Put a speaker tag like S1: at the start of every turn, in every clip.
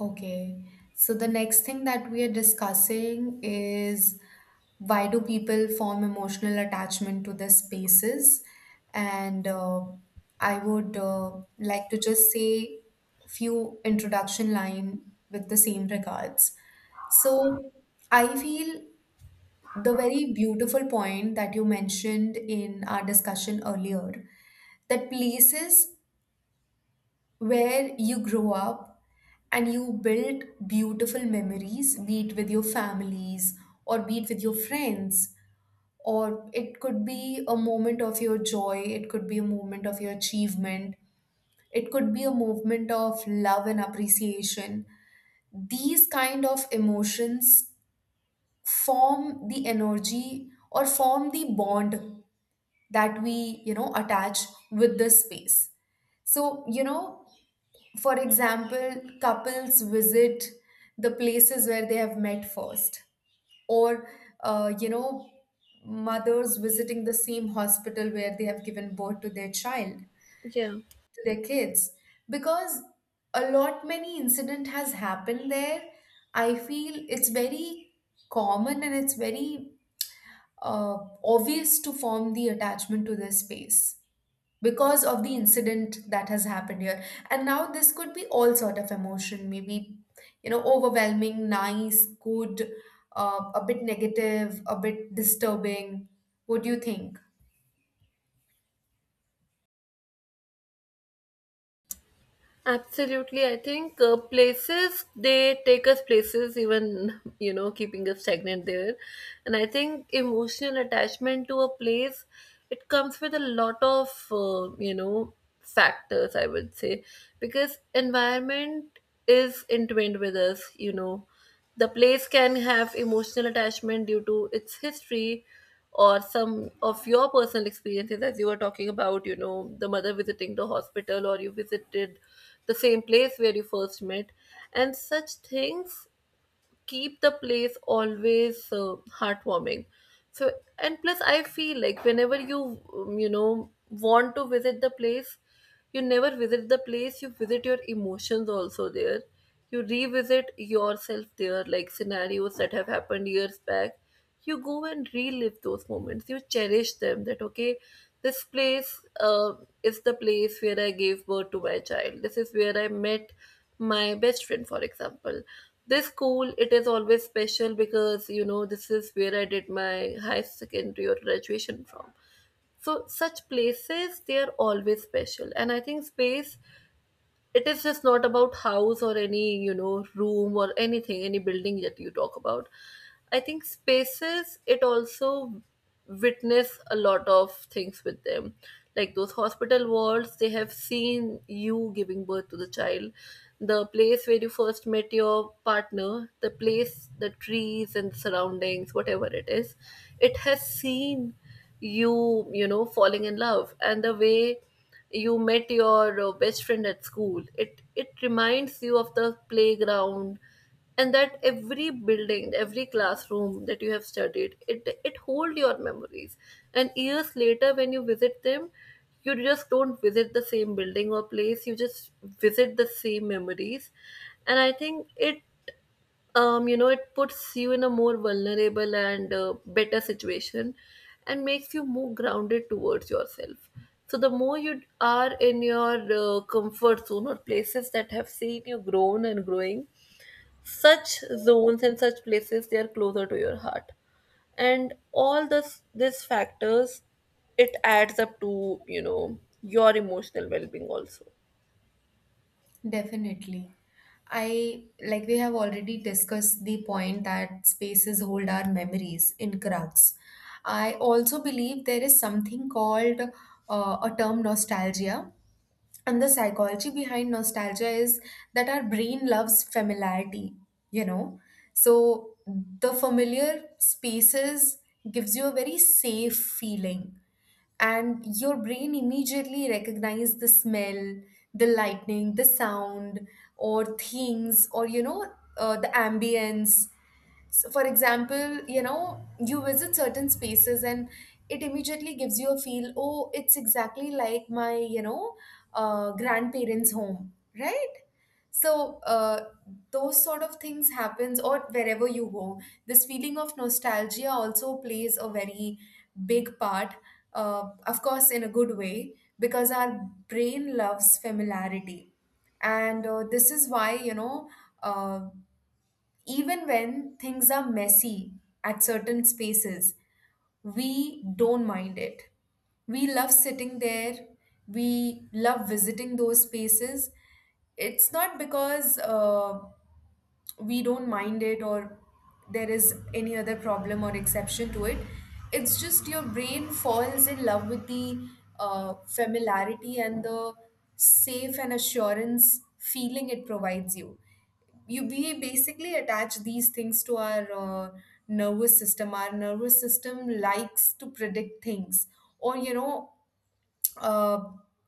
S1: Okay. So the next thing that we are discussing is why do people form emotional attachment to their spaces? And I would like to just say few introduction line with the same regards. So I feel the very beautiful point that you mentioned in our discussion earlier, that places where you grow up and you build beautiful memories, be it with your families or be it with your friends, or it could be a moment of your joy, it could be a moment of your achievement, it could be a moment of love and appreciation. These kind of emotions form the energy or form the bond that we, you know, attach with this space. So, you know, for example, couples visit the places where they have met first, or you know, mothers visiting the same hospital where they have given birth to their child, to
S2: Yeah,
S1: their kids, because a lot many incident has happened there. I feel it's very common and it's very uh, obvious to form the attachment to this space because of the incident that has happened here, and now this could be all sort of emotion, maybe you know, overwhelming, nice, good, a bit negative, a bit disturbing. What do you think?
S2: absolutely. I think places they take us places, even you know, keeping us stagnant there. And I think emotional attachment to a place, it comes with a lot of factors, I would say, because environment is entwined with us. You know, the place can have emotional attachment due to its history or some of your personal experiences, as you were talking about, you know, the mother visiting the hospital or you visited the same place where you first met. And such things keep the place always heartwarming. So, and plus, I feel like whenever you, want to visit the place, you never visit the place, you visit your emotions also there. You revisit yourself there, like scenarios that have happened years back, you go and relive those moments, you cherish them that okay, this place uh, is the place where I gave birth to my child, this is where I met my best friend, for example. This school, it is always special because you know this is where I did my high secondary or graduation from. So such places, they are always special. And I think space, it is just not about house or any, you know, room or anything, any building that you talk about. I think spaces, it also witness a lot of things with them, like those hospital wards, they have seen you giving birth to the child, the place where you first met your partner, the place, the trees and surroundings, whatever it is, it has seen you, you know, falling in love, and the way you met your best friend at school, it reminds you of the playground. And that every building, every classroom that you have studied, it hold your memories. And years later, when you visit them, you just don't visit the same building or place, you just visit the same memories. And I think it, you know, it puts you in a more vulnerable and better situation and makes you more grounded towards yourself. So, the more you are in your comfort zone or places that have seen you grown and growing, such zones and such places, they are closer to your heart. And all this, these factors, it adds up to, you know, your emotional well being also.
S1: Definitely. I like we have already discussed the point that spaces hold our memories in cracks. I also believe there is something called a term nostalgia. And the psychology behind nostalgia is that our brain loves familiarity, you know. So the familiar spaces gives you a very safe feeling, and your brain immediately recognize the smell, the lightning, the sound, or things, or you know, the ambience. So for example, you know, you visit certain spaces and it immediately gives you a feel, oh, it's exactly like my, you know, grandparents home, right? So those sort of things happens, or wherever you go, this feeling of nostalgia also plays a very big part, of course in a good way, because our brain loves familiarity, and this is why, you know, uh, even when things are messy at certain spaces, we don't mind it. We love sitting there, we love visiting those spaces. It's not because we don't mind it or there is any other problem or exception to it. It's just your brain falls in love with the familiarity and the safe and assurance feeling it provides you. We basically attach these things to our nervous system. Our nervous system likes to predict things, or you know, uh,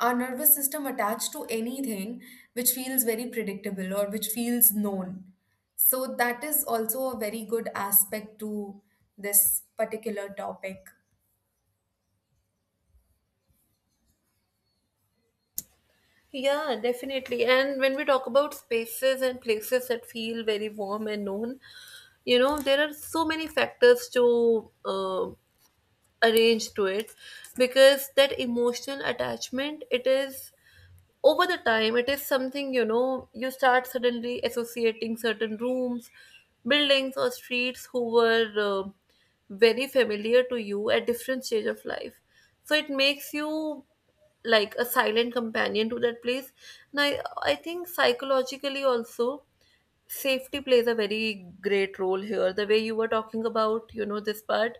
S1: our nervous system attached to anything which feels very predictable or which feels known. So, that is also a very good aspect to this particular topic.
S2: Yeah, definitely. And when we talk about spaces and places that feel very warm and known, you know, there are so many factors to arrange to it, because that emotional attachment, it is, over the time, it is something, you know, you start suddenly associating certain rooms, buildings or streets who were very familiar to you at different stage of life. So it makes you like a silent companion to that place. Now, I think psychologically also safety plays a very great role here, the way you were talking about, you know, this part,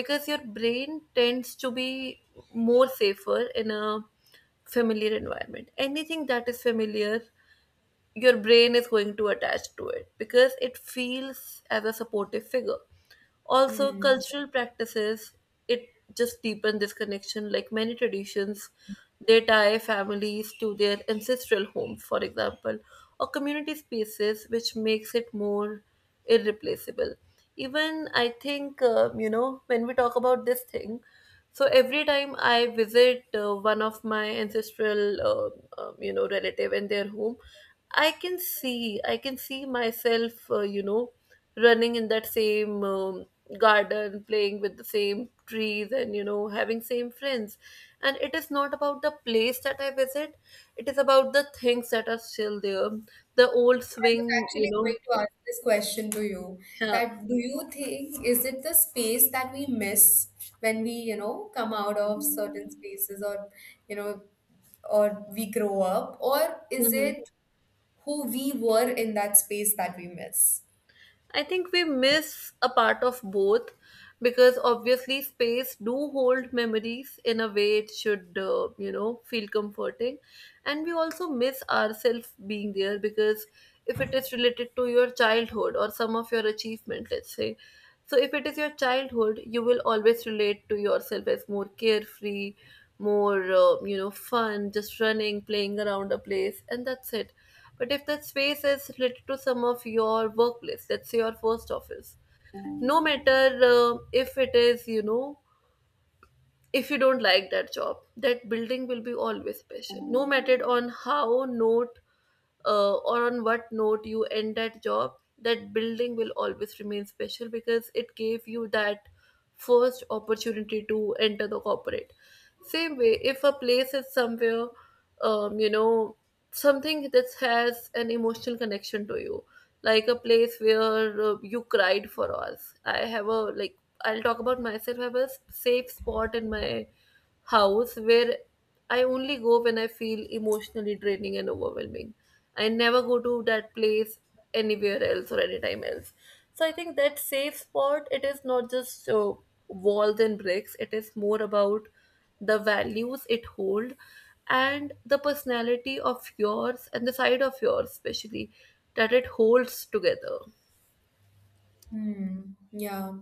S2: because your brain tends to be more safer in a familiar environment. Anything that is familiar, your brain is going to attach to it because it feels as a supportive figure. Also,
S1: Hmm.
S2: cultural practices, it just deepen this connection. Like many traditions, they tie families to their ancestral homes, for example, or community spaces, which makes it more irreplaceable. Even I think, you know, when we talk about this thing, so every time I visit one of my ancestral, you know, relative in their home, I can see myself, you know, running in that same garden, playing with the same trees, and you know, having same friends. And it is not about the place that I visit; it is about the things that are still there, the old
S1: I was
S2: swing, you
S1: actually going
S2: know.
S1: to ask this question to you,
S2: Yeah.
S1: that do you think, is it the space that we miss when we, you know, come out of certain spaces, or, you know, or we grow up, or is
S2: Hmm.
S1: it who we were in that space that we miss?
S2: I think we miss a part of both, because obviously space do hold memories, in a way it should you know feel comforting. And we also miss ourselves being there, because if it is related to your childhood or some of your achievement, let's say. So if it is your childhood, you will always relate to yourself as more carefree, more you know fun, just running, playing around a place, and that's it. But if that space is related to some of your workplace, let's say your first office, no matter if it is, you know, if you don't like that job, that building will be always special. No matter on how note or on what note you end that job, that building will always remain special because it gave you that first opportunity to enter the corporate. Same way, if a place is somewhere, you know, something that has an emotional connection to you, like a place where you cried. For us, I have a like, I'll talk about myself, I have a safe spot in my house where I only go when I feel emotionally draining and overwhelming. I never go to that place anywhere else or anytime else. So I think that safe spot, it is not just walls and bricks, it is more about the values it hold, and the personality of yours and the side of yours especially that it holds together.
S1: Hmm. Yeah.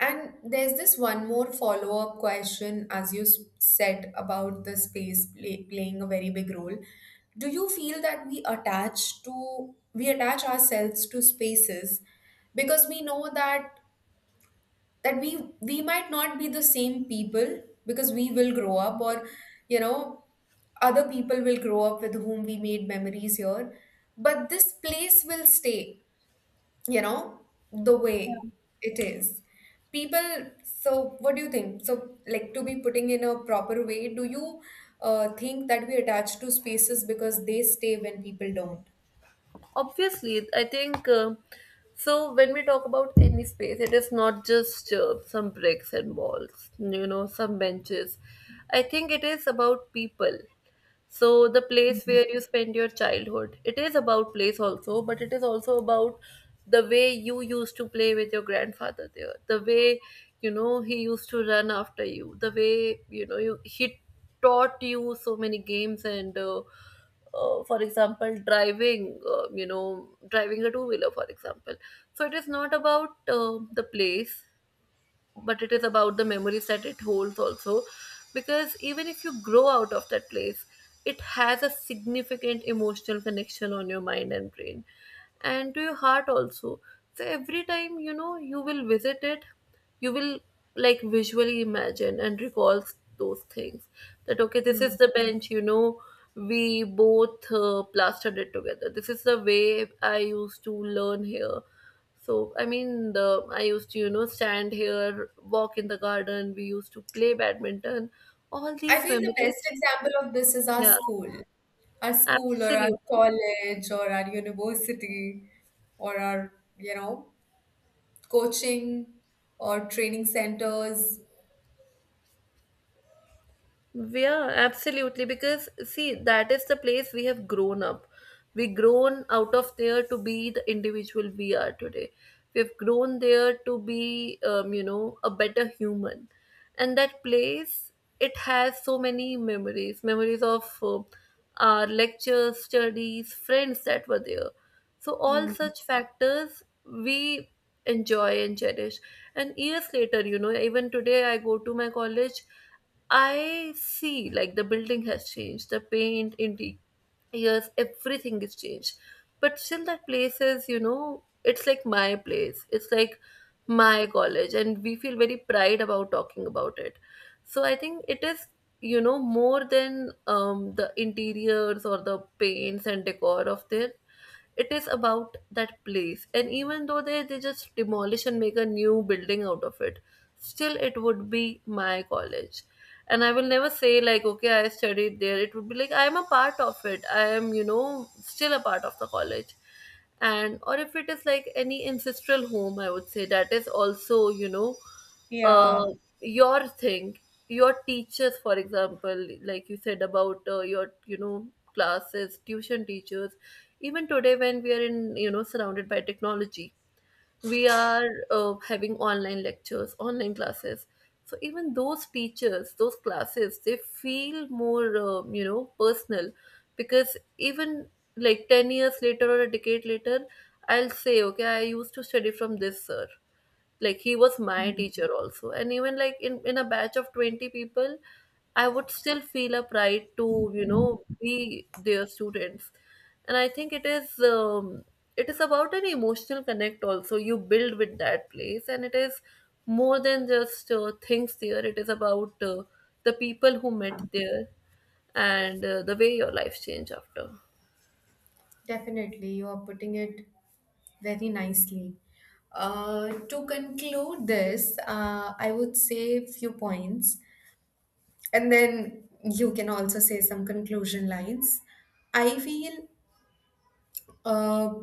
S1: And there's this one more follow-up question, as you said about the space playing a very big role. Do you feel that we attach to we attach ourselves to spaces because we know that that we might not be the same people because we will grow up, or you know, other people will grow up with whom we made memories here, but this place will stay, you know, the way it is, people. So what do you think? So like, to be putting in a proper way, do you think that we attach to spaces because they stay when people don't?
S2: Obviously, I think, so when we talk about any space, it is not just some bricks and walls, you know, some benches. I think it is about people. So the place where you spend your childhood, it is about place also, but it is also about the way you used to play with your grandfather there, the way you know he used to run after you, the way, you know, he taught you so many games, and for example, driving you know, driving a two wheeler, for example. So it is not about the place, but it is about the memories that it holds also, because even if you grow out of that place, it has a significant emotional connection on your mind and brain, and to your heart also. So every time you know you will visit it, you will like visually imagine and recall those things, that okay, this
S1: Hmm.
S2: is the bench, you know, we both plastered it together. This is the way I used to learn here. So I mean, the I used to, you know, stand here, walk in the garden. We used to play badminton. All
S1: I
S2: these
S1: feel the best
S2: memories,
S1: example of this is our
S2: yeah,
S1: school, our school or our
S2: absolutely.
S1: college or our university, or our, you know, coaching or training centers.
S2: Yeah, absolutely. Because see, that is the place we have grown up. We grown out of there to be the individual we are today. We have grown there to be, you know, a better human. And that place, it has so many memories, memories of our lectures, studies, friends that were there, so, all
S1: Hmm.
S2: such factors we enjoy and cherish. And years later, you know, even today I go to my college, I see like the building has changed, the paint, interior, years, everything is changed. But still, that place is, you know, it's like my place. It's like my college, and we feel very pride about talking about it. So I think it is, you know, more than the interiors or the paints and decor of there, it is about that place. And even though they, just demolish and make a new building out of it, still it would be my college. And I will never say like okay I studied there, it would be like I am a part of it, I am, you know, still a part of the college. And or if it is like any ancestral home, I would say that is also, you know,
S1: Yeah.
S2: uh, your thing, your teachers, for example, like you said about your, you know, classes, tuition teachers. Even today when we are in, you know, surrounded by technology, we are having online lectures, online classes. So even those teachers, those classes, they feel more you know personal, because even like 10 years later or a decade later, I'll say okay I used to study from this sir, like he was my teacher also. And even like in a batch of 20 people, I would still feel a pride to, you know, be their students. And I think it is, it is about an emotional connect also you build with that place, and it is more than just things there. It is about the people who met there, and the way your life changed after.
S1: Definitely, you are putting it very nicely. To conclude this, I would say a few points, and then you can also say some conclusion lines. I feel uh,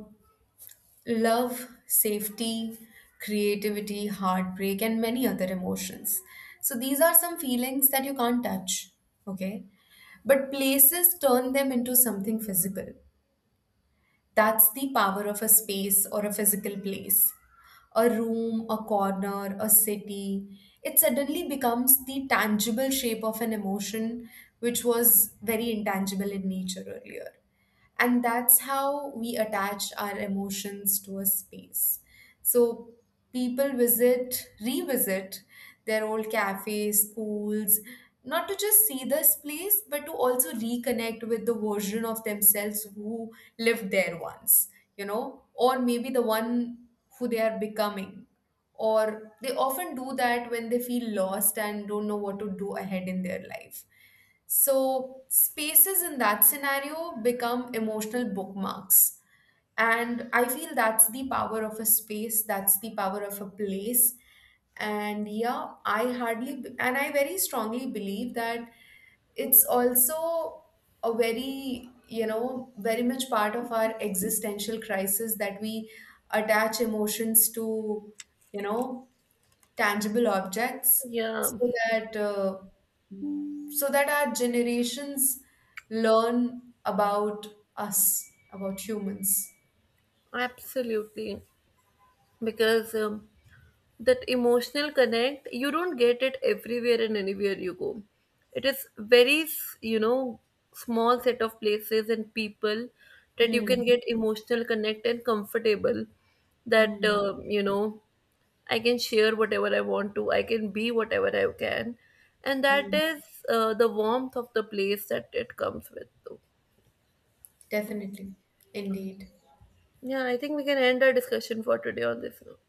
S1: love, safety, creativity, heartbreak, and many other emotions. So these are some feelings that you can't touch, okay? But places turn them into something physical. That's the power of a space or a physical place. A room, a corner, a city. It suddenly becomes the tangible shape of an emotion which was very intangible in nature earlier, and that's how we attach our emotions to a space. So people visit, revisit their old cafes, schools, not to just see this place, but to also reconnect with the version of themselves who lived there once, you know, or maybe the one who they are becoming, or they often do that when they feel lost and don't know what to do ahead in their life. So, spaces in that scenario become emotional bookmarks. And I feel that's the power of a space, that's the power of a place. And yeah, I hardly, and I very strongly believe that it's also a very, you know, very much part of our existential crisis, that we attach emotions to, you know, tangible objects,
S2: Yeah,
S1: so that uh, so that our generations learn about us, about humans.
S2: absolutely. Because that emotional connect, you don't get it everywhere and anywhere you go. It is very you know small set of places and people that you
S1: Hmm.
S2: can get emotional connect and comfortable, that
S1: Hmm.
S2: you know, I can share whatever I want to. I can be whatever I can. And that
S1: Hmm.
S2: is the warmth of the place that it comes with. So,
S1: Definitely. Indeed.
S2: yeah, I think we can end our discussion for today on this note.